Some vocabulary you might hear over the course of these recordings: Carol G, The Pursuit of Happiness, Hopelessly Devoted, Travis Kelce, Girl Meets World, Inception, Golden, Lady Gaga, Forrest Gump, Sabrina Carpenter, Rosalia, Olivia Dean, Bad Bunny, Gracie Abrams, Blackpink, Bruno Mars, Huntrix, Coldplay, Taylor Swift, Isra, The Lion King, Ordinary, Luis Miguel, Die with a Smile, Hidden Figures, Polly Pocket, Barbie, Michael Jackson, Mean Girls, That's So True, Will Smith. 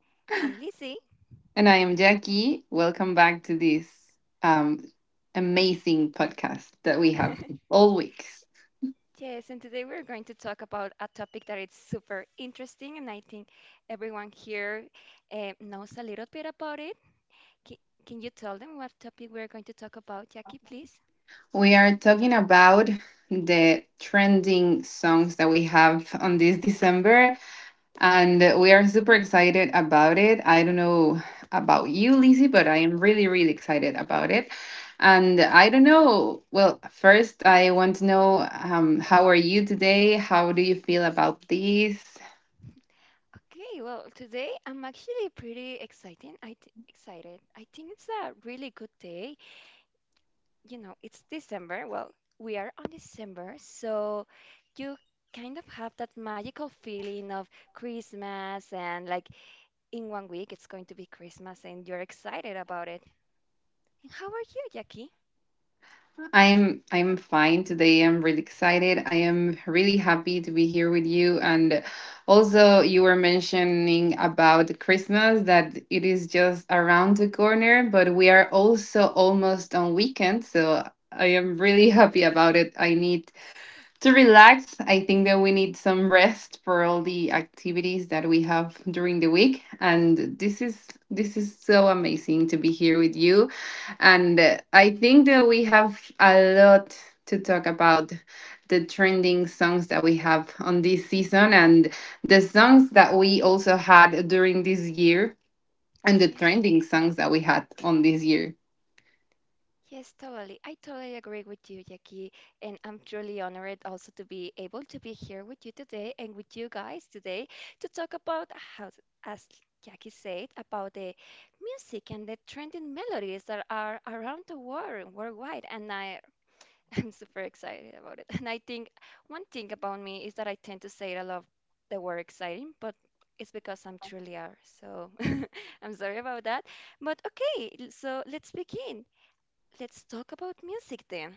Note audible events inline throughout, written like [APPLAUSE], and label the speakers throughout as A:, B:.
A: I'm Lizzie.
B: and I am Jackie. Welcome back to this um, amazing podcast that we have
A: [LAUGHS]
B: all weeks.
A: Yes, and today we're going to talk about a topic that is super interesting, and I think everyone here knows a little bit about it. Can, can you tell them what topic we're going to talk about, Jackie, please?
B: We are talking about the trending songs that we have on this December, and we are super excited about it. I don't know about you, Lizzie, but I am really, really excited about it. And I don't know. Well, first, I want to know how are you today? How do you feel about this?
A: Okay, well, today I'm actually pretty exciting. Excited. I think it's a really good day. You know, it's December. Well, we are on December, so you kind of have that magical feeling of Christmas and like in 1 week it's going to be Christmas and you're excited about it. And how are you, Jackie?
B: I am fine today. I'm really excited. I am really happy to be here with you. And also you were mentioning about Christmas that it is just around the corner, but we are also almost on weekend, so I am really [LAUGHS] happy about it. I need to relax, I think that we need some rest for all the activities that we have during the week. And this is so amazing to be here with you. And I think that we have a lot to talk about the trending songs that we have on this season and the songs that we also had during this year and the
A: Yeah.
B: trending songs that we had on this year.
A: Yes, totally. I totally agree with you, Jackie. And I'm truly honored also to be able to be here with you today and with you guys today to talk about how, as Jackie said, about the music and the trending melodies that are around the world, worldwide. [LAUGHS] I'm super excited about it. And I think one thing about me is that I tend to say I love the word exciting, but it's because I'm truly are. So [LAUGHS] I'm sorry about that. But okay, so let's begin. Let's talk about music then.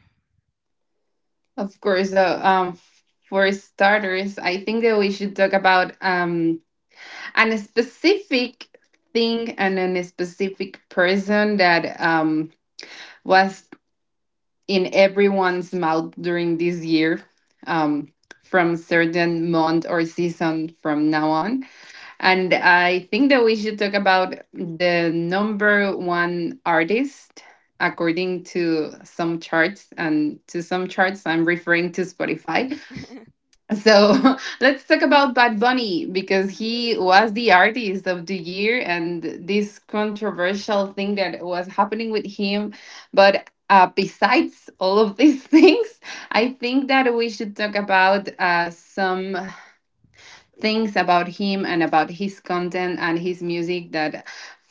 B: Of course, for starters, I think that we should talk about and a specific thing and then a specific person that was in everyone's mouth during this year um, from certain month or season from now on, and I think that we should talk about the number one artist according to some charts, and to some charts I'm referring to spotify.
A: [LAUGHS] Ooh.
B: So [LAUGHS] let's talk about Bad Bunny because he was the artist of the year and this controversial thing that was happening with him. But besides all of these [LAUGHS] things, I think that we should talk about some things about him and about his content and his music that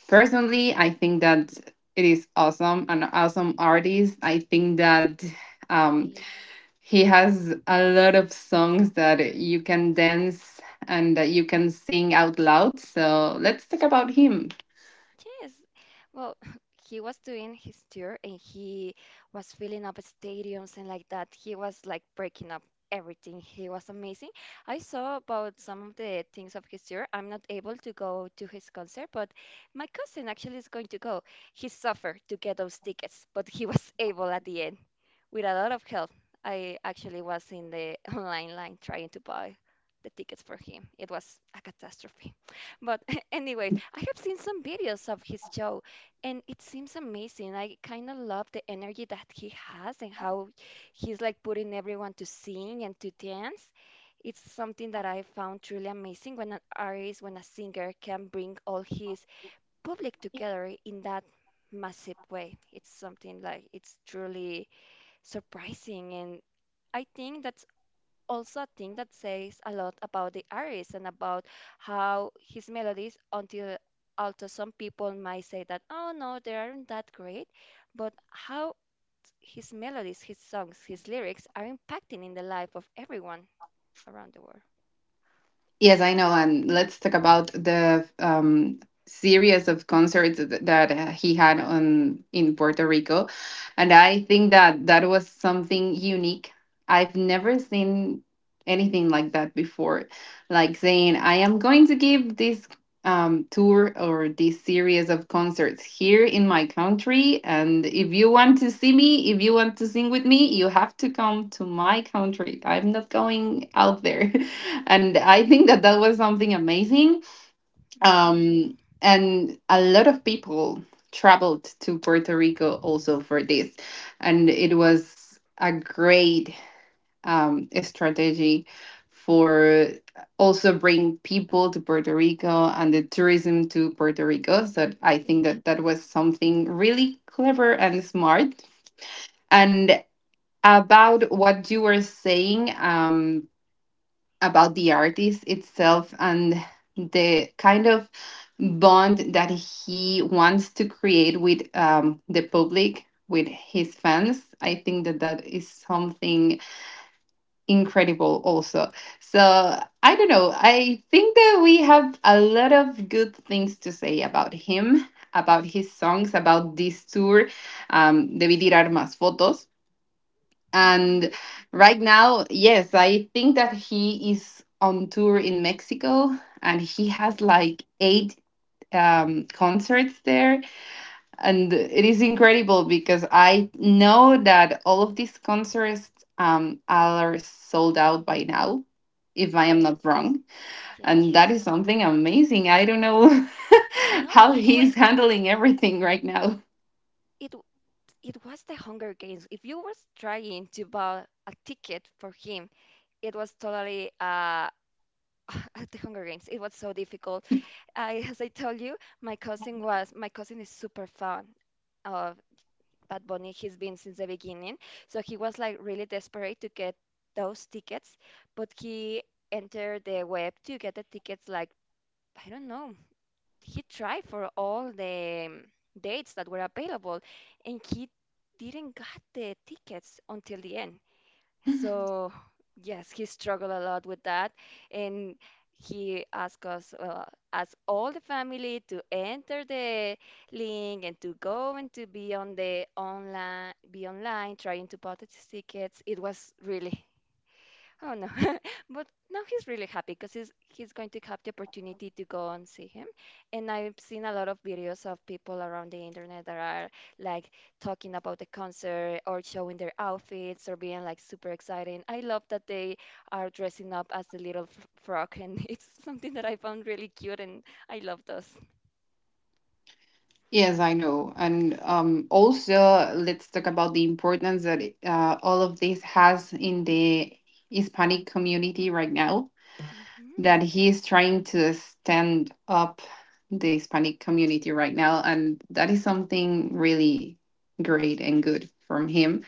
B: personally I think that it is awesome, an awesome artist. I think that. Um,
A: Totally.
B: he has a lot of songs that you can dance and that you can sing out loud. So let's talk about him.
A: Yes. Well, [LAUGHS] he was doing his tour and he was filling up stadiums and like that. He was like breaking up everything. He was amazing. I saw about some of the things of his tour. I'm not able to go to his concert, but my cousin actually is going to go. He suffered to get those tickets, but he was [LAUGHS] able at the end with a lot of help. I actually was in the [LAUGHS] online line trying to buy the tickets for him. It was a catastrophe. [LAUGHS] But anyways, I have seen some videos of his show and it seems amazing. I kind of love the energy that he has and how he's like putting everyone to sing and to dance. It's something that I found truly amazing when an artist, when a singer can bring all his public together in that massive way. It's something like it's truly surprising and I think that also a thing that says a lot about the artist and about how his melodies until although some people might say that oh no they aren't that great but how his melodies his songs his lyrics are impacting in the life of everyone around the world.
B: Yes, I know. And let's talk about the series of concerts that he had on in Puerto Rico. And I think that that was something unique. I've never seen anything like that before. Like saying, I am going to give this tour or this series of concerts here in my country. And if you want to see me, if you want to sing with me, you have to come to my country. I'm not going out there. [LAUGHS] And I think that that was something amazing.
A: hmm
B: And a lot of people traveled to Puerto Rico also for this, and it was a great strategy for also bring people to Puerto Rico and the tourism to Puerto Rico. So I
A: yeah.
B: think that that was something really clever and smart. And about what you were saying about the artist itself and the kind of bond that he wants to create with the public with his fans, I think that that is something incredible also. So I don't know, I think that we have a lot of good things to say about him, about his songs, about this tour, debí tirar más fotos.
A: hmm
B: And right now, yes, I think that he is on tour in Mexico and he has
A: yes,
B: like eight concerts there. And it is incredible because I know that all of these concerts are sold out by now, if I am
A: yes,
B: not wrong.
A: yes,
B: And that
A: no,
B: is something amazing. I don't know [LAUGHS]
A: no,
B: how
A: it
B: he's
A: was.
B: handling everything right now.
A: it w- it was the Hunger Games. If you was trying to buy a ticket for him, it was totally [LAUGHS] at the Hunger Games. It was so difficult. I, as I told you, my cousin was my cousin is super fan of Bad Bunny. He's been since the beginning, so he was like really desperate to get those tickets, but he entered the web to get the tickets. Like I don't know, he tried for all the dates that were available, and he didn't got the tickets until the end. So, yes, he struggled a lot with that. And he asked us, asked all the family to enter the link and to go and to be on the online, be online, trying to purchase tickets. It was really. Oh no. [LAUGHS] But now he's really happy because he's going to have the opportunity to go and see him. And I've seen a lot of videos of people around the internet that are like talking about the concert or showing their outfits or being like super exciting. I love that they are dressing up as the little f frog, and [LAUGHS] it's something that I found really cute, and I love those.
B: Yes, I know. And also, let's talk about the importance that all of this has in the Hispanic community right now,
A: Mhm.
B: that he is trying to stand up the Hispanic community right now. And that is something really great and good from him.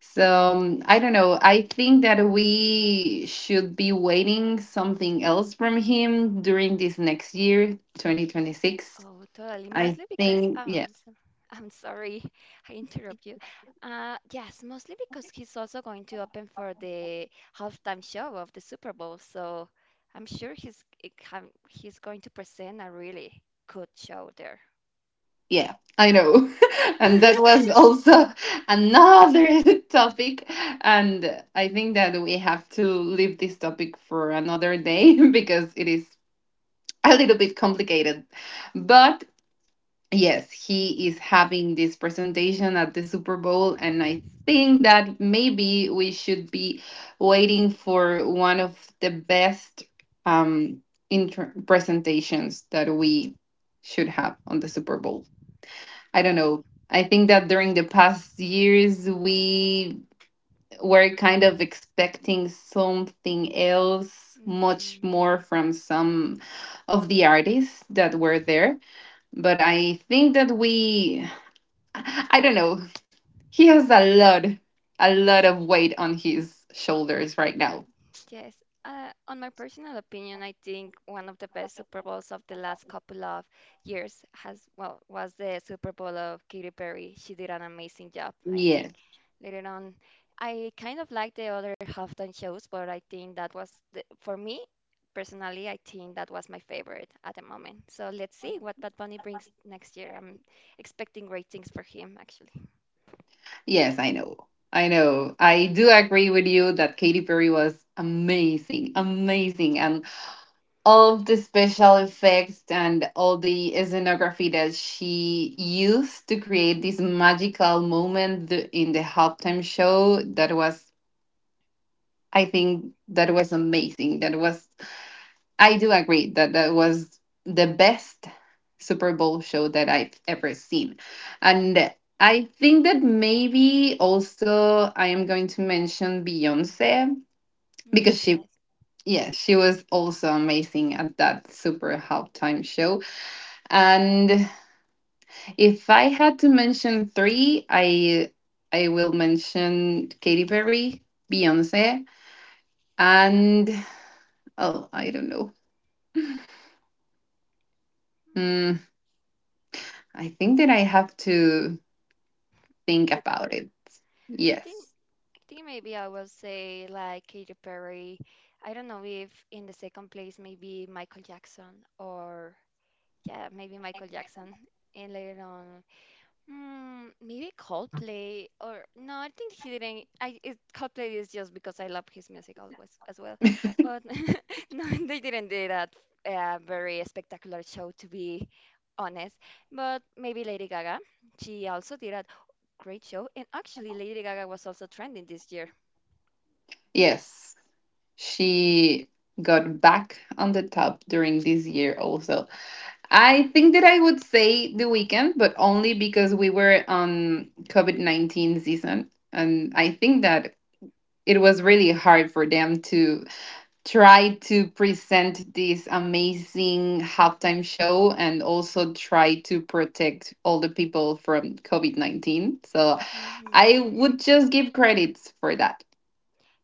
B: So I don't know. I think that we should be waiting something else from him during this next year, 2026.
A: Oh, totally.
B: I
A: Mostly because
B: think, yeah.
A: I'm so- I'm sorry, [LAUGHS] I interrupt you. Yes, mostly because he's also going to open for the halftime show of the Super Bowl, so I'm sure he's it can- he's going to present a really good show there.
B: Yeah, I know. [LAUGHS] And that was
A: [LAUGHS]
B: also another [LAUGHS] topic. And I think that we have to leave this topic for another day [LAUGHS] because it is a little bit complicated. But yes, he is having this presentation at the Super Bowl, and I think that maybe we should be waiting for one of the best um, presentations that we should have on the Super Bowl. I don't
A: Totally.
B: know. I think that during the past years, we were kind of expecting something else, much
A: Hmm.
B: more from some of the artists that were there, but I think that we I don't know. He has a lot of weight on his shoulders right now.
A: Yes, on my personal opinion, I think one of the best Super Bowls of the last couple of years has, well, was the Super Bowl of Katy Perry. She did an amazing job, I think.
B: Yes,
A: Later on, I kind of like the other halftime shows, but I think that was the, for me personally, I think that was my favorite at the moment. So let's see what Bad Bunny brings next year. I'm expecting great things for him, actually.
B: yes, I know. I know. I do agree with you that Katy Perry was amazing, amazing. And all of the special effects and all the scenography that she used to create this magical moment in the halftime show that was, I think, that was amazing. That was I do agree that that was the best Super Bowl show that I've ever seen. And I think that maybe also I am going to mention Beyonce
A: Mm,
B: because she,
A: yes.
B: yeah, she was also amazing at that super halftime show. And if I had to mention three, I will mention Katy Perry, Beyonce, and oh, I don't know.
A: Hmm.
B: Mm, I think that I have to think
A: Look up.
B: about it.
A: I think
B: Yes.
A: I think maybe I will say like Katy Perry. I don't know if in the second place maybe Michael Jackson or yeah, maybe Michael Jackson. And later on, maybe Coldplay or no, I think he didn't. Coldplay is just because I love his music always as well. But [LAUGHS] no, they didn't do that very spectacular show to be honest. But maybe Lady Gaga. She also did a great show, and actually Lady Gaga was also trending this year.
B: Yes. She got back on the top during this year also. I think that I would say the weekend, but only because we were on COVID 19 season. And I think that it was really hard for them to try to present this amazing halftime show and also try to protect all the people from COVID 19. So I
A: hmm
B: would just give credits for that.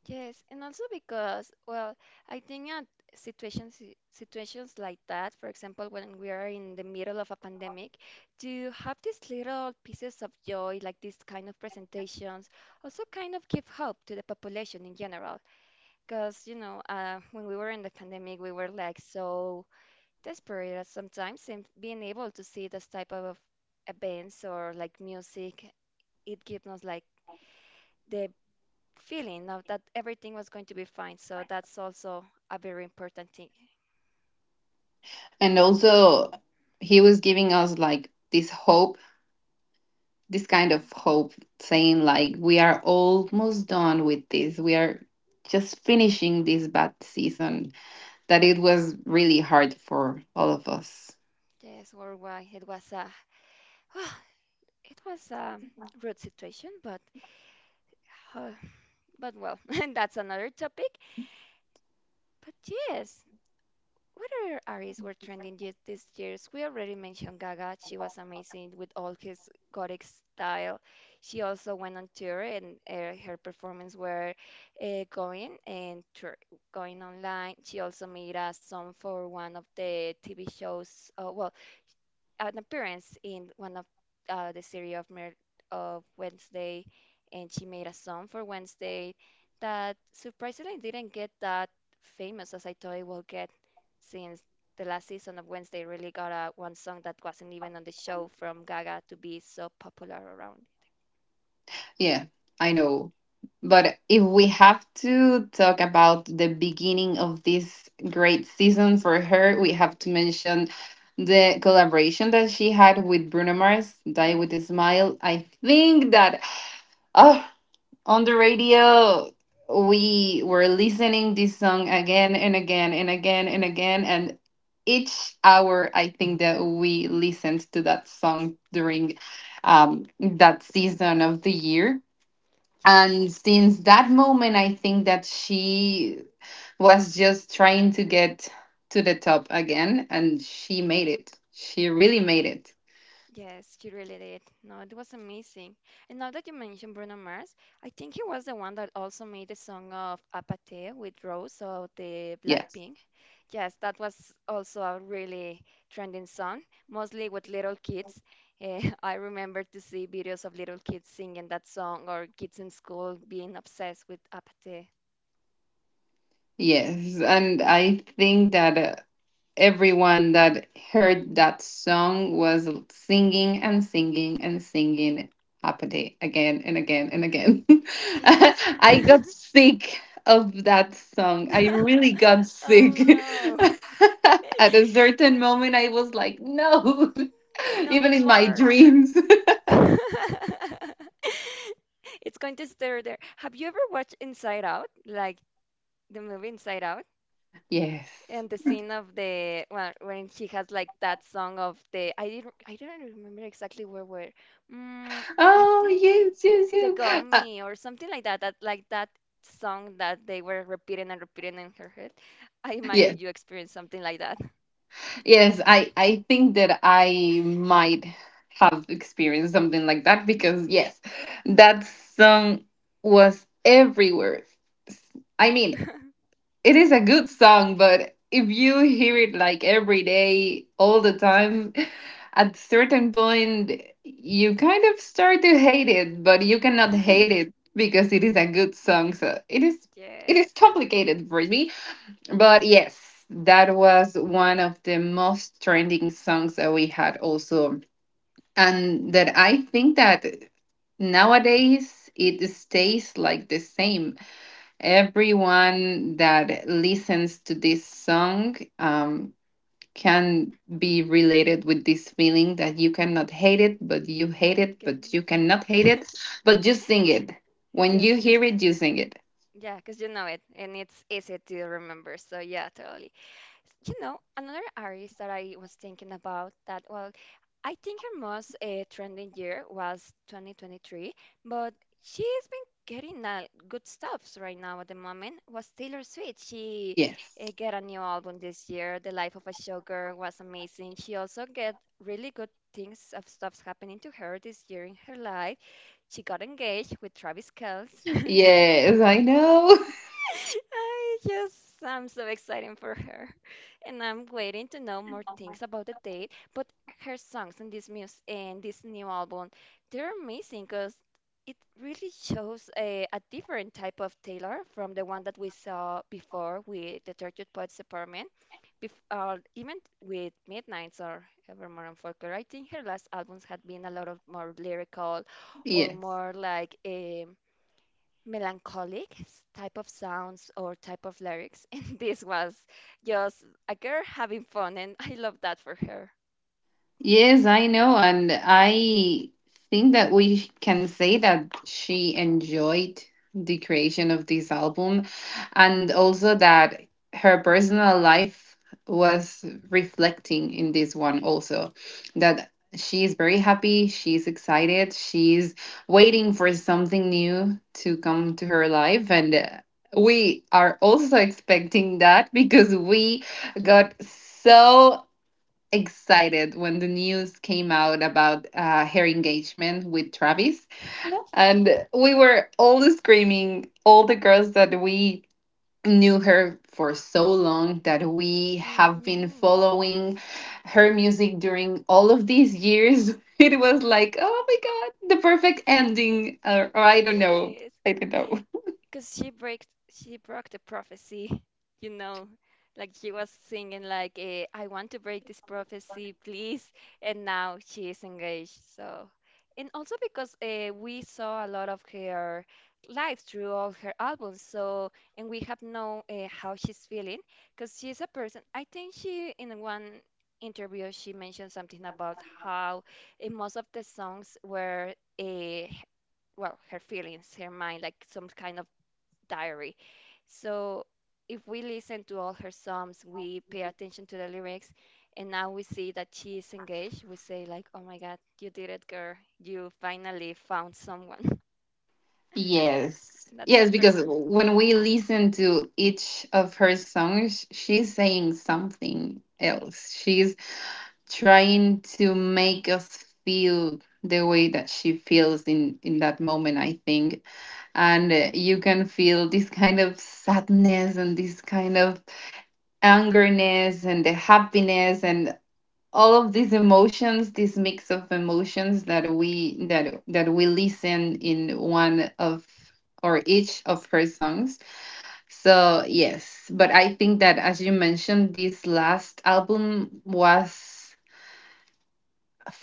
A: Yes, and also because, well, I think at situations situations like that, for example, when we are in the middle of a pandemic, to have these little pieces of joy, like these kind of presentations, also kind of give hope to the population in general. Because, when we were in the pandemic, we were like so desperate at sometimes, and being able to see this type of events or like music, it gives us like the feeling of that everything was going to be fine. So that's also a very important thing.
B: And also, he was giving us like this hope, this kind
A: Mm,
B: of hope, saying, like, we are almost done with this. We are just finishing this bad season that it was really hard for all of us.
A: Yes, worldwide it was a [SIGHS] it was a rude situation, but [SIGHS] uh, but well, [LAUGHS] that's another topic. But yes, what other artists were trending yet this years? We already mentioned Gaga. She was amazing with all his gothic style. She also went on tour, and her performance were going and tour, going online. She also made a song for one of the TV shows. Well, an appearance in one of the series of of Wednesday, and she made a song for Wednesday that surprisingly didn't get that famous as I thought it would get, since the last season of Wednesday really got a one song that wasn't even on the show from Gaga to be so popular around.
B: Yeah, I know. But if we have to talk about the beginning of this great season for her, we have to mention the collaboration that she had with Bruno Mars, Die
A: Hmm.
B: with a Smile. I think that oh, on the radio we were listening this song again and again and again and again and each hour I think that we listened to that song during that season of the year,
A: Yes.
B: and since that moment, I think that she was just trying to get to the top again, and she made it. She really made it.
A: Yes, she really did. No, it was amazing. And now that you mentioned Bruno Mars, I think he was the one that also made the song of Apathy with Rose of the
B: Yes.
A: Blackpink. Yes, that was also a really trending song, mostly with little kids. [LAUGHS] I remember to see videos of little kids singing that song or kids in school being obsessed with Apathy.
B: Yes. And I think that. Everyone that heard that song was singing and singing and singing Apathy again and again and
A: Okay.
B: again. [LAUGHS]
A: Yes.
B: I got sick of that song. I really
A: [LAUGHS]
B: got sick.
A: Oh no.
B: [LAUGHS] At a
A: [LAUGHS]
B: certain moment, I was like, no, [LAUGHS]
A: No
B: even in my
A: more.
B: dreams.
A: [LAUGHS] It's going to stir there. Have you ever watched Inside Out? Like the movie Inside Out?
B: [LAUGHS] Yes.
A: And the scene of the well, when she has like that song of the I don't remember exactly where where. Mm, I
B: Oh,
A: think
B: yes, yes,
A: the
B: yes.
A: gummy or something like that. That like that song that they were repeating and repeating in her head. I imagine
B: Yes.
A: you experienced something like that.
B: Yes, I think that I might have experienced something like that because yes, that song was everywhere. I mean,
A: [LAUGHS]
B: it is a good song, but if you hear it like every day, all the time, at certain point you kind of start to hate it, but you cannot hate it because it is a good song. So it
A: Yes.
B: is complicated for me, but yes, that was one of the most trending songs that we had also. And that I think that nowadays it stays like the same. Everyone that listens to this song can be related with this feeling that you cannot hate it, but you hate it, but
A: Can-
B: you cannot hate it, but you sing it. When you
A: Yes.
B: hear it, you sing it.
A: Yeah, because you know it and it's easy to remember. So, yeah, totally. You know, another artist that I was thinking about that, well, I think her most trending year was 2023, but she's been getting good stuffs right now at the moment. Was Taylor Swift. She
B: Yes.
A: get a new album this year. The Life of a Showgirl was amazing. She also get really good things of stuffs happening to her this year in her life. She got engaged with Travis Kelce.
B: Yes, I know.
A: I just, I'm so excited for her. And I'm waiting to know more things about the date. But her songs in this music and this new album, they're amazing because it really shows a different type of Taylor from the one that we saw before with the Tortured Poets Department. Bef Even with Midnights or Evermore and Folklore, I think her last albums had been a lot of more lyrical
B: [LAUGHS]
A: or
B: Yes.
A: more like a melancholic type of sounds or type of lyrics, [LAUGHS] and this was just a girl having fun, and I love that for her.
B: Yes, I know. And I think that we can say that she enjoyed the creation of this album and also that her personal life was reflecting in this one also. That she is very happy, she's excited, she's waiting for something new to come to her life. And we are also [LAUGHS] expecting that because we got so excited when the news came out about her engagement with Travis. And
A: Yeah.
B: we were all screaming, all the girls that we knew her for so long that we have been
A: hmm
B: following her music during all of these years. [LAUGHS] It was like, oh my God, the perfect ending. Or I don't know.
A: Yes.
B: I don't know.
A: Because she broke the prophecy, [LAUGHS] you know. Like she was singing like I want to break this prophecy, please. And now she is engaged. So, and also because we saw a lot of her life through all her albums. So, and we have known how she's feeling because she's a person. I think she in one interview she mentioned something about how in most of the songs were a well her feelings her mind like some kind of diary. So if we listen to all her songs, we pay attention to the lyrics, and now we see that she is engaged. We say like, "Oh my God, you did it, girl! You finally found someone." [LAUGHS]
B: Yes.
A: That's
B: Yes,
A: rec-
B: because when we listen to each of her songs, she's saying something else. She's trying to make us feel the way that she feels in that moment, I think. And You
A: hmm.
B: can feel this kind of sadness and this kind of angerness and the happiness and all of these emotions, this mix of emotions that we that that we listen in one of or each of her songs. So yes, but I think that as you mentioned, this last album was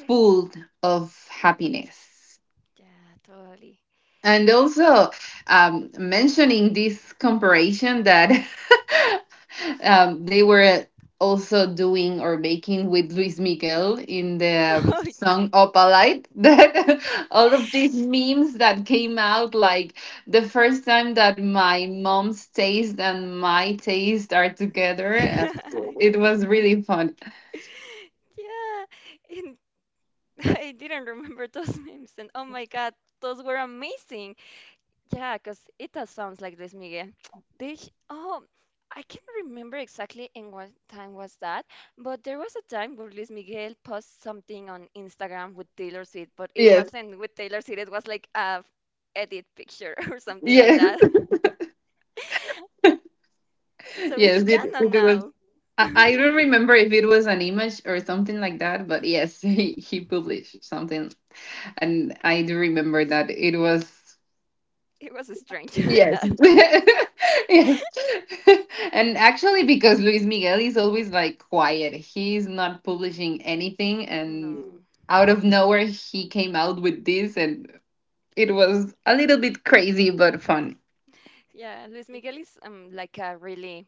B: full of happiness.
A: Yeah, totally.
B: And also, mentioning this comparison that [LAUGHS] they were also doing or making with Luis Miguel in the
A: [LAUGHS] Oh,
B: song Opalite. [LAUGHS] That all of these memes that came out, like the first time that my mom's taste and my taste are together, and
A: [LAUGHS]
B: it
A: yeah,
B: was really fun.
A: yeah. And [LAUGHS] I didn't remember those [LAUGHS] memes, and oh my God, those were amazing. Yeah, because it does sounds like this, Miguel. [TSK] Oh, I can't remember exactly in what time was that, but there was a time where Luis Miguel posted something on Instagram with Taylor Swift, but it
B: Yes,
A: wasn't with Taylor Swift, it was like a edit picture [LAUGHS] or something like
B: yes,
A: that. [LAUGHS]
B: [LAUGHS]
A: So
B: yes.
A: it's
B: It,
A: canon
B: it was.
A: now.
B: I don't remember if it was an image or something like that, but yes, [LAUGHS] he published
A: [LAUGHS]
B: something, and I do remember that it was
A: It was strange [LAUGHS] in
B: Yes.
A: that.
B: [LAUGHS] yes. [LAUGHS] And actually, because Luis Miguel is always like quiet, he's not publishing anything.
A: No.
B: And out of nowhere, he came out with this, and it was a little bit crazy but fun.
A: Yeah, Luis Miguel is like a really.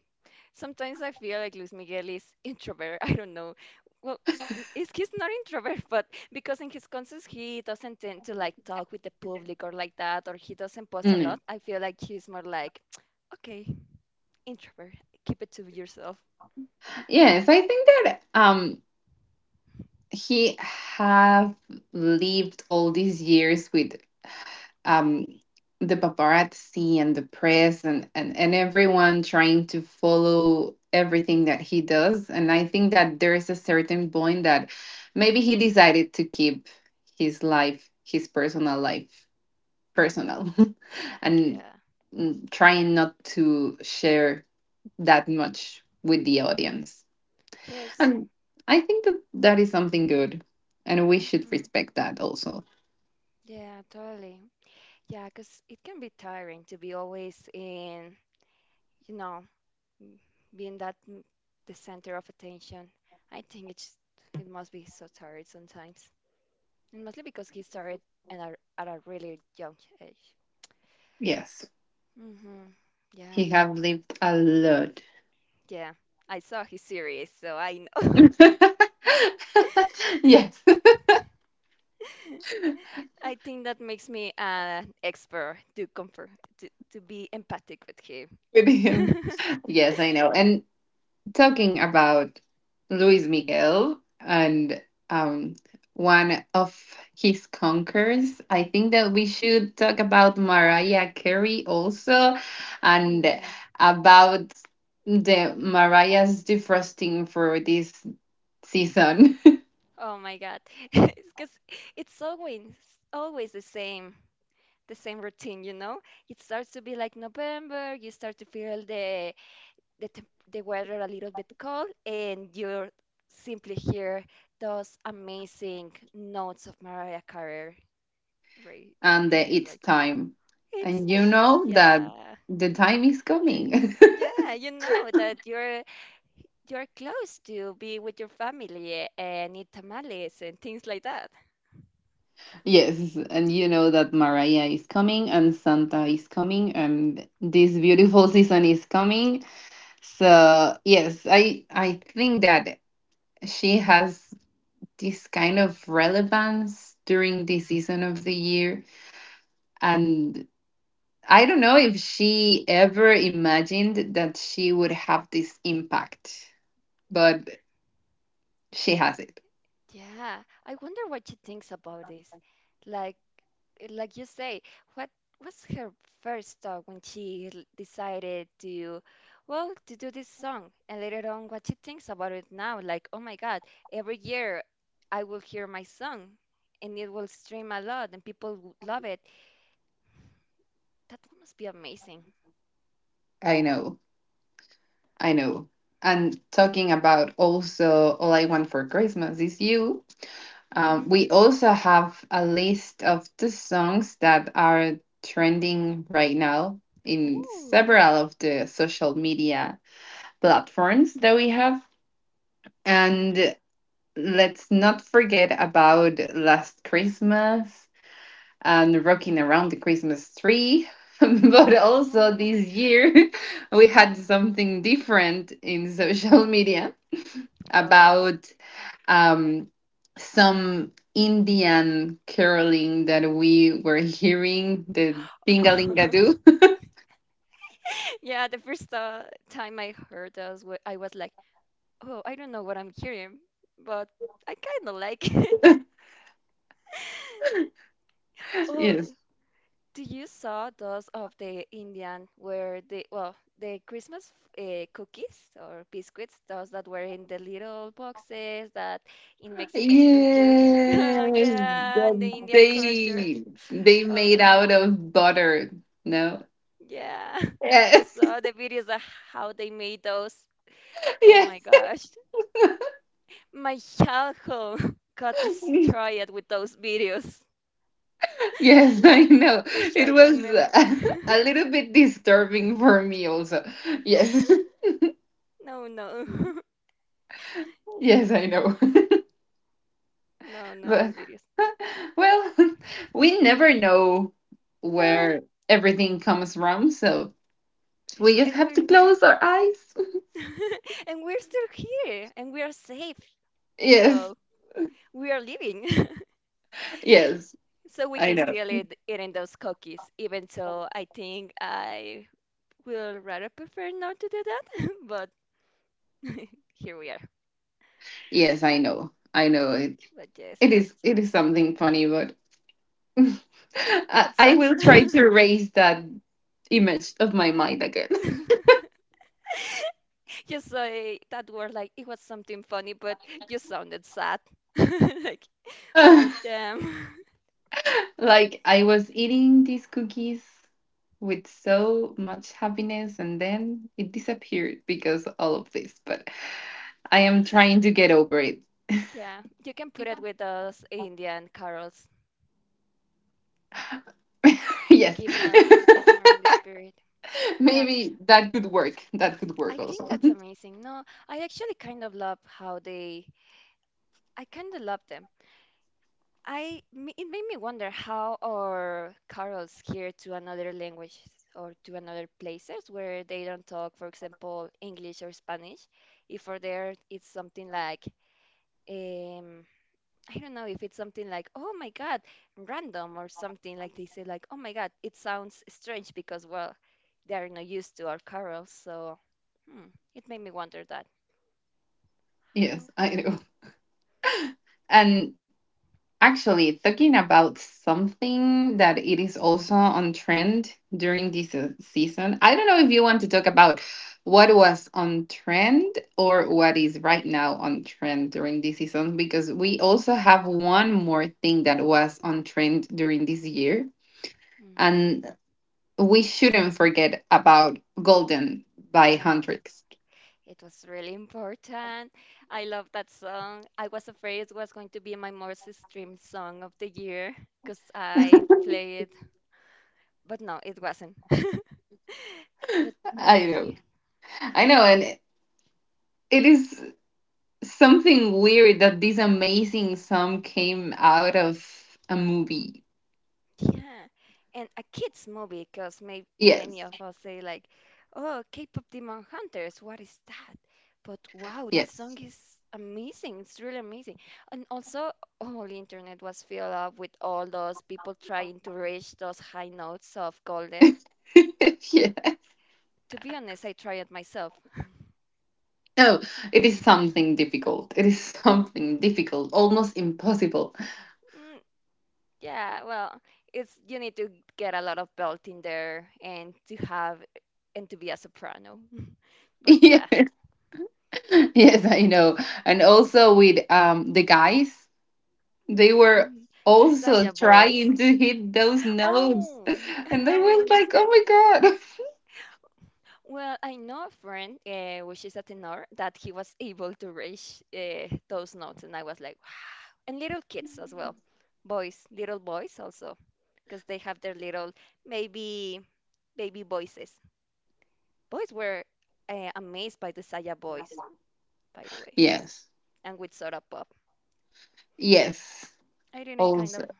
A: Sometimes I feel like Luis Miguel is introvert. [LAUGHS] I don't know. Well, n- is he's not introvert, but because in his concerts he doesn't tend to like talk with the public or like that, or he doesn't post a
B: Mm.
A: lot. I feel like he's more like, [TSK] okay, introvert, keep it to yourself.
B: Yes, I think that he have lived all these years with um, the paparazzi and the press, and everyone trying to follow everything that he does. And I think that there is a certain point that maybe he decided to keep his life, his personal life, personal [LAUGHS] and
A: Yeah.
B: trying not to share that much with the audience.
A: Yes.
B: And I think that that is something good. And we should
A: Hmm.
B: respect that also.
A: Yeah, totally. Yeah, because it can be tiring to be always in, you know, m- being that the center of attention. I think it must be so tired sometimes. And mostly because he started at a really young age.
B: Yes.
A: Hmm. Yeah,
B: He have lived a lot.
A: yeah. I saw his series, so I know.
B: [LAUGHS] yes,
A: [LAUGHS] I think that makes me an expert to comfort, to be empathic with him.
B: [LAUGHS] with him.
A: [LAUGHS]
B: Yes, I know. And talking about Luis Miguel and um, one of his conquerors, I think that we should talk about Mariah Carey also, and
A: Ooh.
B: about the Mariah's defrosting for this season
A: Oh my God. [LAUGHS] Because it's always always the same routine, you know? It starts to be like November, you start to feel the weather a little bit cold, and you simply hear those amazing notes of Mariah Carey, right?
B: [LAUGHS] and the
A: And you're
B: It's
A: like,
B: Time.
A: it's
B: And you
A: time,
B: know that
A: yeah,
B: the time is coming. [LAUGHS]
A: yeah. You know that you're close to be with your family and eat tamales and things like that.
B: Yes, and you know that Mariah is coming and Santa is coming and this beautiful [LAUGHS] season is coming. So, yes, I think that she has this kind of relevance during this season of the year, and I don't know if she ever imagined that she would have this impact, but she has it.
A: Yeah, I wonder what she thinks about this. Like, like you say, what was her first thought when she decided well, to do this song? And later on, what she thinks about it now, like, oh my God, every year I will hear my song and it will stream a lot and people will love it. That must be amazing.
B: I know. I know. And talking about also All I Want for Christmas is You,
A: Mm-hmm.
B: We also have a list of the songs that are trending right now in
A: Oh,
B: several of the social media platforms that we have.
A: yeah.
B: And let's not forget about Last Christmas and Rocking Around the Christmas Tree. [LAUGHS] But
A: Oh
B: also
A: my God.
B: this year, [LAUGHS] we had something different in social media
A: Oh, yeah.
B: about um, some Indian caroling that we were hearing, the Dingalingadoo.
A: [LAUGHS] Yeah, the first time I heard those, I was like, oh, I don't know what I'm hearing, but I kind of like it. [LAUGHS]
B: [LAUGHS]
A: Oh,
B: yes.
A: do you saw those of the Indian where the well the Christmas cookies or biscuits, those that were in the little boxes that in Mexico culture? [LAUGHS]
B: Yes.
A: Yeah, in the
B: That
A: Indian culture.
B: they
A: Oh,
B: made out of butter. No.
A: yeah. [LAUGHS] You
B: Yes.
A: saw the videos of how they made those.
B: [LAUGHS]
A: Oh my
B: yes.
A: gosh. My childhood [LAUGHS] got
B: [LAUGHS]
A: destroyed with those videos.
B: yes, I know.
A: [LAUGHS] My
B: It
A: childhood
B: was
A: memory.
B: [LAUGHS]
A: [LAUGHS]
B: a little bit disturbing for me also. Yes. [LAUGHS]
A: No, no. [LAUGHS]
B: Yes, I know. [LAUGHS]
A: No, not those
B: But
A: videos.
B: [LAUGHS] well, [LAUGHS] we never know
A: No.
B: where everything comes from, so we just
A: And
B: have to
A: we're
B: close our eyes. [LAUGHS]
A: [LAUGHS] and we're still here and we are safe.
B: Yes,
A: So we are living. [LAUGHS]
B: yes,
A: So we
B: I
A: can
B: know.
A: still eating those cookies, even so I think I will rather prefer not to do that. [LAUGHS] But [LAUGHS] here we are.
B: Yes, I know. I know it.
A: But yes,
B: It
A: those
B: is.
A: things.
B: It is something funny, but [LAUGHS] I,
A: But
B: I
A: sad. [LAUGHS]
B: will try to erase that image of my mind again.
A: You say that word like it was something funny, but you sounded sad. [LAUGHS] Like, oh
B: [LAUGHS]
A: damn. [LAUGHS]
B: Like I was eating these cookies with so much happiness, and then it disappeared because all of this. But I am trying to get over it.
A: Yeah, you can put it with those Indian carols
B: [LAUGHS] yes.
A: to get more in the spirit.
B: [LAUGHS]
A: Yeah,
B: Maybe that could work. That could
A: I
B: work
A: think
B: also.
A: that's amazing. No, I actually kind of love how they I kind of love them. It made me wonder how are carols here to another language or to another places where they don't talk for example English or Spanish, if for there it's something like, um I don't know, if it's something like, oh my God, random or something like they say like, oh my God, it sounds strange because well, they're not used to our carols, so hmm, it made me wonder that.
B: [LAUGHS]
A: How?
B: yes, I know. And actually, talking about something that it is also on trend during this season, I don't know if you want to talk about what was on trend or what is right now on trend during this season, because we also have one more thing that was on trend during this year. And
A: Hmm.
B: we shouldn't forget about Golden by
A: No,
B: Huntrix.
A: it was really important. I love that song. I was afraid it was going to be my most streamed song of the year because I play it, but no, it wasn't. [LAUGHS] But
B: [LAUGHS]
A: no,
B: I know.
A: I.
B: I know. And it is something weird that this amazing song came out of a movie.
A: Yeah, and a kids movie because may many
B: Yes.
A: of us say like, "Oh, K-pop Demon Hunters, what is that?" But wow, this song
B: Yes.
A: is amazing. It's really amazing. And also, all the internet was filled up with all those people trying to reach those high notes of Golden.
B: [LAUGHS] yeah.
A: To be honest, I tried it myself.
B: No, it is something difficult. It is something difficult, almost impossible.
A: Mm, yeah, well, it's you need to get a lot of belt in there and to have and to be a soprano. [LAUGHS]
B: [LAUGHS]
A: But
B: yeah.
A: yeah,
B: Yes, I know. And also with the guys, they were
A: mm, the
B: also
A: Saya boys.
B: trying to hit those notes. [LAUGHS]
A: Oh, [LAUGHS]
B: And I
A: now I
B: was like, oh
A: understand.
B: my God. [LAUGHS]
A: Well, I know a friend, which is a tenor, that he was able to reach those notes, and I was like, wow. And little kids as well, boys, little boys also, because they have their little maybe baby voices. Boys were amazed by the Saya voice, by the way,
B: Yes.
A: and with Soda Pop.
B: Yes.
A: I didn't kind
B: Also.
A: of,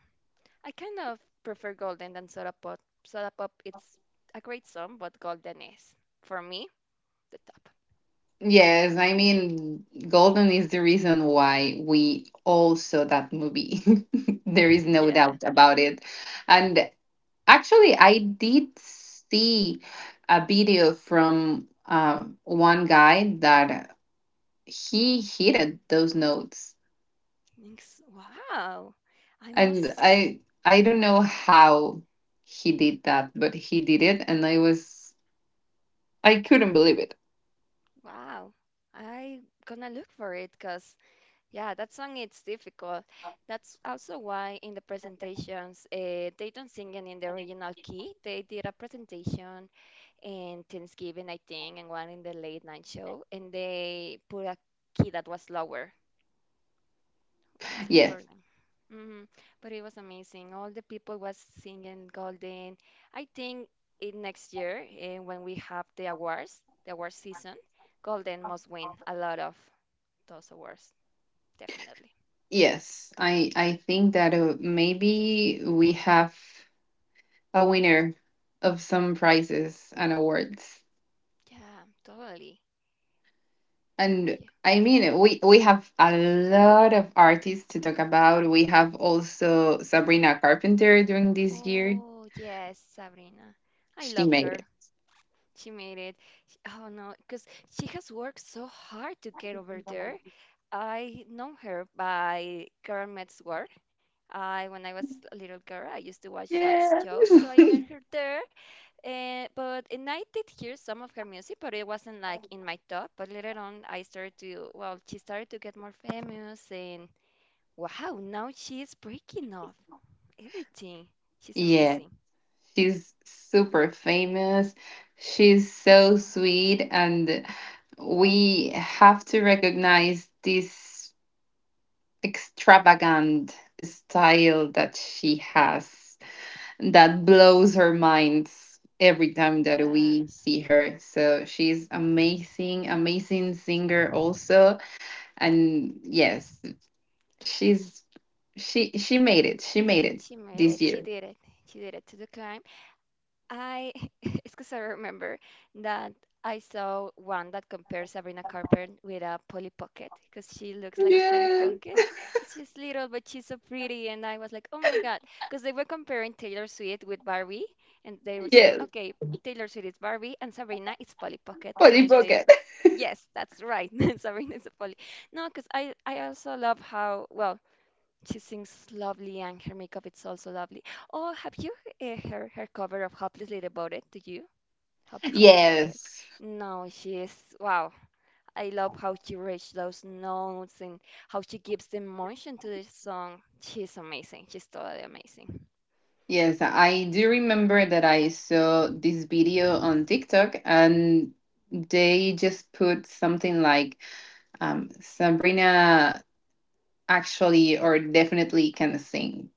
A: I kind of prefer Golden than Soda Pop. Soda Pop, it's a great song, but Golden is for me the top.
B: Yes. I mean, Golden is the reason why we all saw that movie. [LAUGHS] There is no
A: Yeah.
B: doubt about it. And actually, I did see a video from one guy that he hit those notes.
A: Thanks. Wow. I
B: And
A: must.
B: I don't know how he did that, but he did it, and I was I couldn't believe it.
A: Wow. I gonna look for it because yeah, that song it's difficult. That's also why in the presentations they don't sing it in the original key. They did a presentation in Thanksgiving, I think, and one in the late night show, and they put a key that was lower. For
B: Yes,
A: them. Hmm. But it was amazing. All the people was singing Golden. I think in next year, when we have the awards, the award season, Golden must win a lot of those awards, definitely.
B: yes. I think that maybe we have a winner of some prizes and awards.
A: Yeah, totally. No,
B: And
A: yeah.
B: I mean, we have a lot of artists to talk about. We have also Sabrina Carpenter during this year.
A: Oh, yes, Sabrina. I
B: She
A: love
B: made
A: her.
B: it.
A: She made it. Oh no, because she has worked so hard to get over there. I know her by Girl Meets, I, when I was a little girl, I used to watch that
B: Yeah.
A: show, so I met her there. But and I did hear some of her music, but it wasn't like in my top. But later on, well, she started to get more famous, and wow, now she's breaking off everything.
B: [LAUGHS]
A: She's
B: yeah.
A: amazing.
B: She's super famous. She's so sweet, and we have to recognize this extravagant style that she has that blows our minds every time that
A: Yeah,
B: we see her. So she's amazing, amazing singer also. And yes, she's she made it. She made it
A: she made
B: this
A: it. She
B: year.
A: did it. She did it to the climb. I. [LAUGHS] It's because I remember that I saw one that compares Sabrina Carpenter with a Polly Pocket, because she looks like a Polly
B: Yes.
A: Pocket, because she's little but she's so pretty, and I was like, oh my God, because they were comparing Taylor Swift with Barbie, and they were saying
B: Yes.
A: okay, Taylor Swift is Barbie and Sabrina is Polly Pocket, and
B: Body
A: I say
B: pocket.
A: yes, that's right. [LAUGHS] Sabrina is a Polly. No, because I also love how well she sings lovely, and her makeup it's also lovely. Oh, have you heard her cover of "Hopelessly Devoted"? Do you? "Hopelessly Devoted"?
B: Yes.
A: No, she is wow. I love how she reaches those notes and how she gives the emotion to the song. She's amazing. She's totally amazing.
B: Yes, I do remember that I saw this video on TikTok, and they just put something like Sabrina actually or definitely can sing.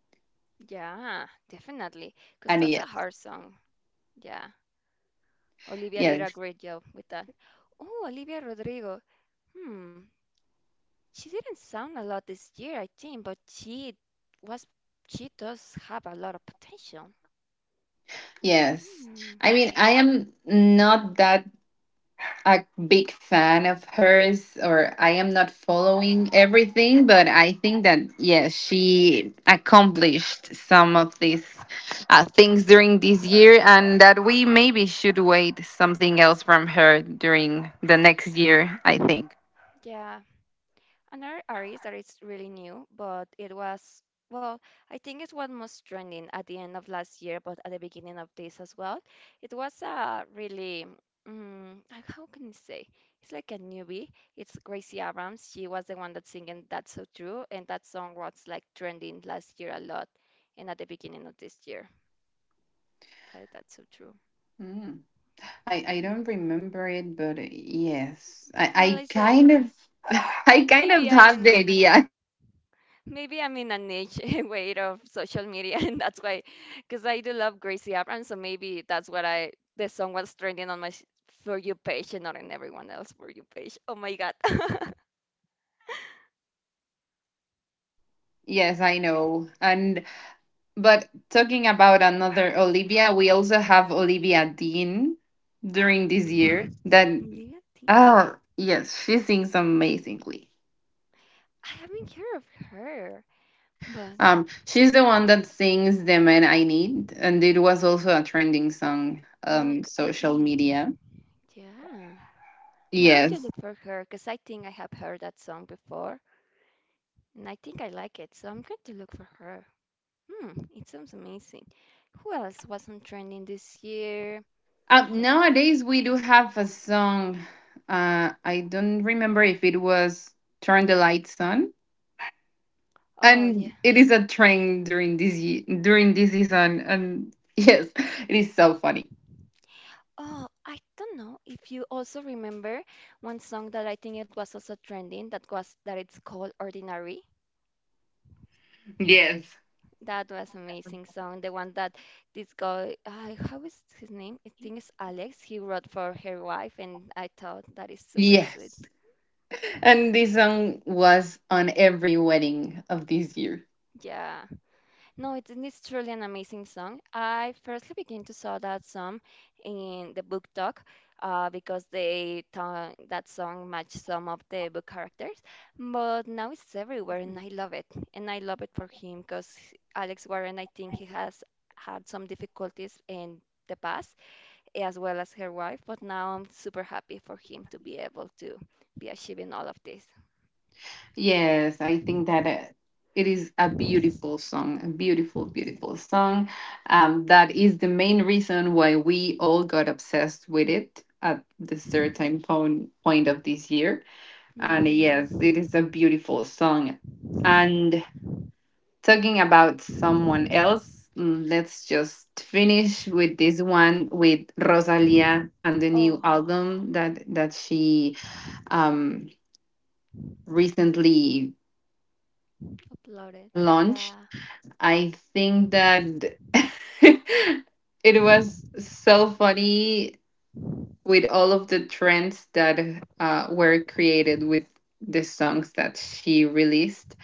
A: Yeah, definitely, because
B: And
A: that's
B: yes,
A: a hard song. Yeah, Olivia did
B: yes,
A: a great job with that. Oh, Olivia Rodrigo. Hmm. She didn't sound a lot this year, I think, but was she does have a lot of potential.
B: yes.
A: Hmm.
B: I mean, I am not that a big fan of hers or I am not following everything, but I think that yes, she accomplished some of these things during this year, and that we maybe should wait something else from her during the next year, I think.
A: Yeah. Another artist that is really new, but it was, well, I think it was most trending at the end of last year, but at the beginning of this as well. It was a really how can I say? It's like a newbie. It's Gracie Abrams. She was the one that's singing That's So True, and that song was like trending last year a lot and at the beginning of this year. That's so true.
B: Mm. I
A: Mhm.
B: don't remember it, but yes,
A: Well,
B: I,
A: I
B: I
A: saw it.
B: kind of [LAUGHS] I kind
A: Maybe
B: of
A: I'm
B: have
A: in a
B: the
A: niche.
B: idea.
A: Maybe I'm in a niche [LAUGHS] way of social media, and that's why, because I do love Gracie Abrams, so maybe that's what I. The song was trending on my for you page and not in everyone else for you page. Oh my God. [LAUGHS]
B: Yes, I know. And but talking about another Olivia, we also have Olivia Dean during this year
A: Mm.
B: that
A: Olivia Dean.
B: oh yes, she sings amazingly.
A: I haven't heard of her, but
B: Um, she's the one that sings The Man I Need, and it was also a trending song
A: oh,
B: on
A: I
B: social
A: think,
B: media.
A: yeah, I'm going to
B: Yes.
A: look for her because I think I have heard that song before, and I think I like it, so I'm going to look for her. It sounds amazing. Who else was on trending this year? That,
B: Nowadays we do have a song I don't remember if it was Turn the Lights On,
A: oh,
B: and
A: yeah.
B: it is a trend during during this season, and [LAUGHS] yes, it is so funny.
A: Oh, I don't know if you also remember one song that I think it was also trending, that it's called Ordinary.
B: Yes.
A: That was amazing song. The one that this guy, how is his name? I think it's Alex. He wrote for her wife, and I thought that is super sweet.
B: Yes, and this song was on every wedding of this year.
A: Yeah. No, it's truly an amazing song. I firstly began to saw that song in the book talk because they that song matched some of the book characters, but now it's everywhere and I love it. And I love it for him because Alex Warren, I think he has had some difficulties in the past as well as her wife, but now I'm super happy for him to be able to be achieving all of this.
B: Yes, I think that it is a beautiful song, a beautiful, beautiful song, that is the main reason why we all got obsessed with it at the certain point of this year. And yes,
A: Hmm.
B: it is a beautiful song. And talking about someone else, let's just finish with this one with Rosalia and the new
A: Oh,
B: album that she um, recently
A: uploaded.
B: launched.
A: Yeah.
B: I think that [LAUGHS] it was so funny with all of the trends that were created with the songs that she released.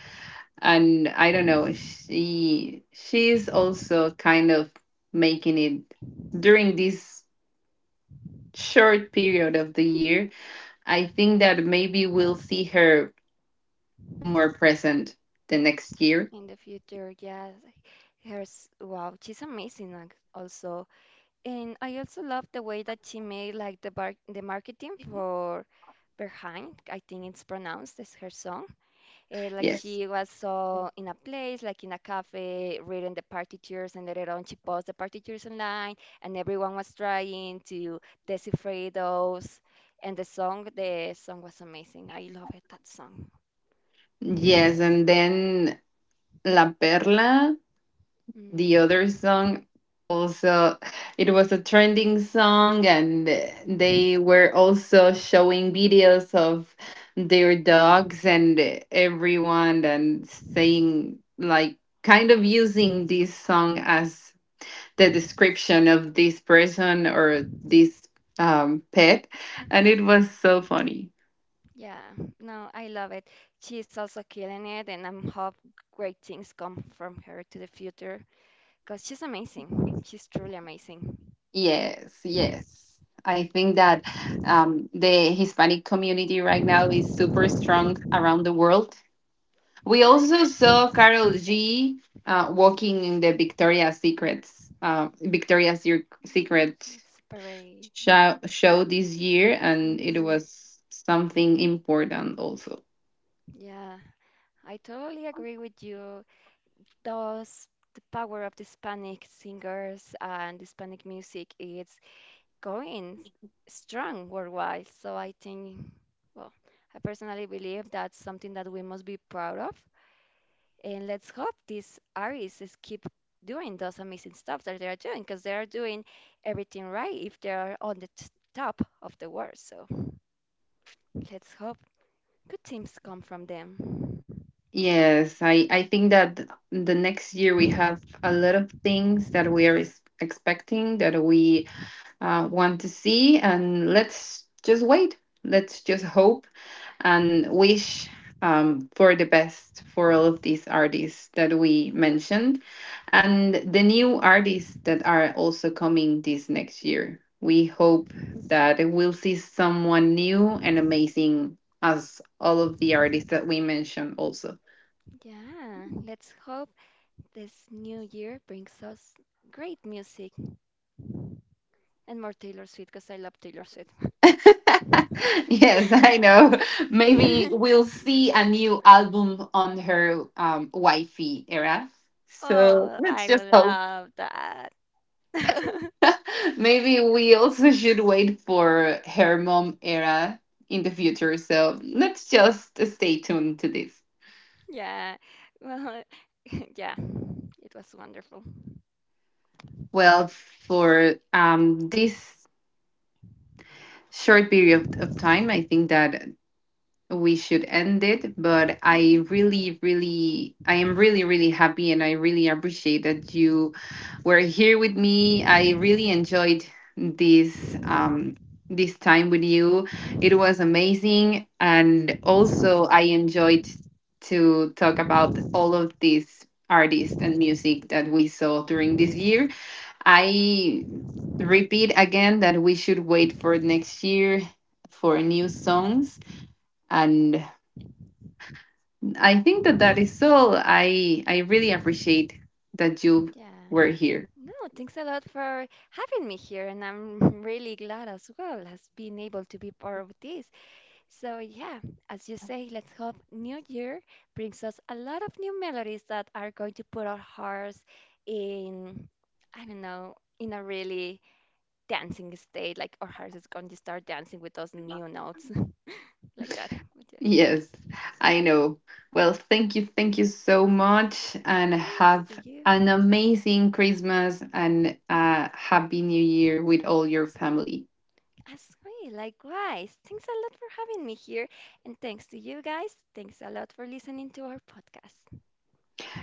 B: And I don't know, she's also kind of making it during this short period of the year. I think that maybe we'll see her more present the next year.
A: In the future, yeah. Hers, wow, she's amazing also. And I also love the way that she made, like, the marketing for Behind, I think it's pronounced as her song. Like
B: Yes.
A: she was so in a place, like in a cafe, reading the partitures, and later on she posted the partitures online, and everyone was trying to decipher those. And the song was amazing. I love it, that song.
B: Yes, and then La Perla, the
A: Mm.
B: other song, also it was a trending song, and they were also showing videos of their dogs and everyone and saying like kind of using this song as the description of this person or this pet, and it was so funny.
A: Yeah, no, I love it. She's also killing it, and I'm hope great things come from her to the future because she's amazing. She's truly amazing.
B: Yes, yes. I think that the Hispanic community right now is super strong around the world. We
A: Yeah.
B: also saw Carol G walking in the Victoria's Secrets, Secret
A: It's parade.
B: show this year, and it
A: Mm-hmm.
B: was something important also.
A: Yeah, I totally agree with you. Those The power of the Hispanic singers and Hispanic music is going strong worldwide. So I think, well, I personally believe that's something that we must be proud of. And let's hope these artists is keep doing those amazing stuff that they are doing, because they are doing everything right if they are on the top of the world. So let's hope good things come from them.
B: Yes, I think that the next year we have a lot of things that expecting, that we want to see. And let's just wait. Let's just hope and wish for the best for all of these artists that we mentioned and the new artists that are also coming this next year. We hope that we'll see someone new and amazing as all of the artists that we mentioned also.
A: Yeah, let's hope this new year brings us great music and more Taylor Swift because I love Taylor Swift.
B: [LAUGHS] Yes, I know. Maybe
A: [LAUGHS]
B: we'll see a new album on her wifey era. So
A: Oh,
B: let's
A: I would
B: just hope.
A: love that. [LAUGHS]
B: [LAUGHS] Maybe we also should wait for her mom era in the future. So let's just stay tuned to this.
A: Yeah, well, [LAUGHS] yeah, it was wonderful.
B: Well, for this short period of time, I think that we should end it, but I really, really, I am really, really happy, and I really appreciate that you were here with me. I really enjoyed this this time with you. It was amazing, and also I
A: Hmm.
B: enjoyed to talk about all of these artists and music that we saw during this year. I repeat again that we should wait for next year for new songs. And I think that that is all. I really appreciate that you
A: Yeah.
B: were here.
A: No, thanks a lot for having me here, and I'm [LAUGHS] really glad as well as being able to be part of this. So, yeah, as you say, let's hope New Year brings us a lot of new melodies that are going to put our hearts in, I don't know, in a really dancing state. Like our hearts is going to start dancing with those new notes [LAUGHS] like that. But yeah,
B: Yes, I know. Well, thank you so much, and
A: thanks to
B: have
A: you.
B: an amazing Christmas and a happy New Year with all your family.
A: As sweet, likewise. Thanks a lot for having me here. And thanks to you guys. Thanks a lot for listening to our podcast.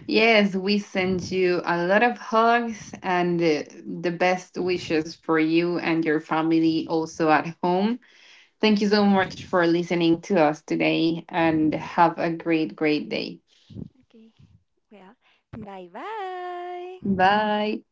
B: Yes, we send you a lot of hugs and the best wishes for you and your family also at home. Thank you so much for listening to us today, and have a great, great day.
A: Okay. Well, bye bye.
B: Bye.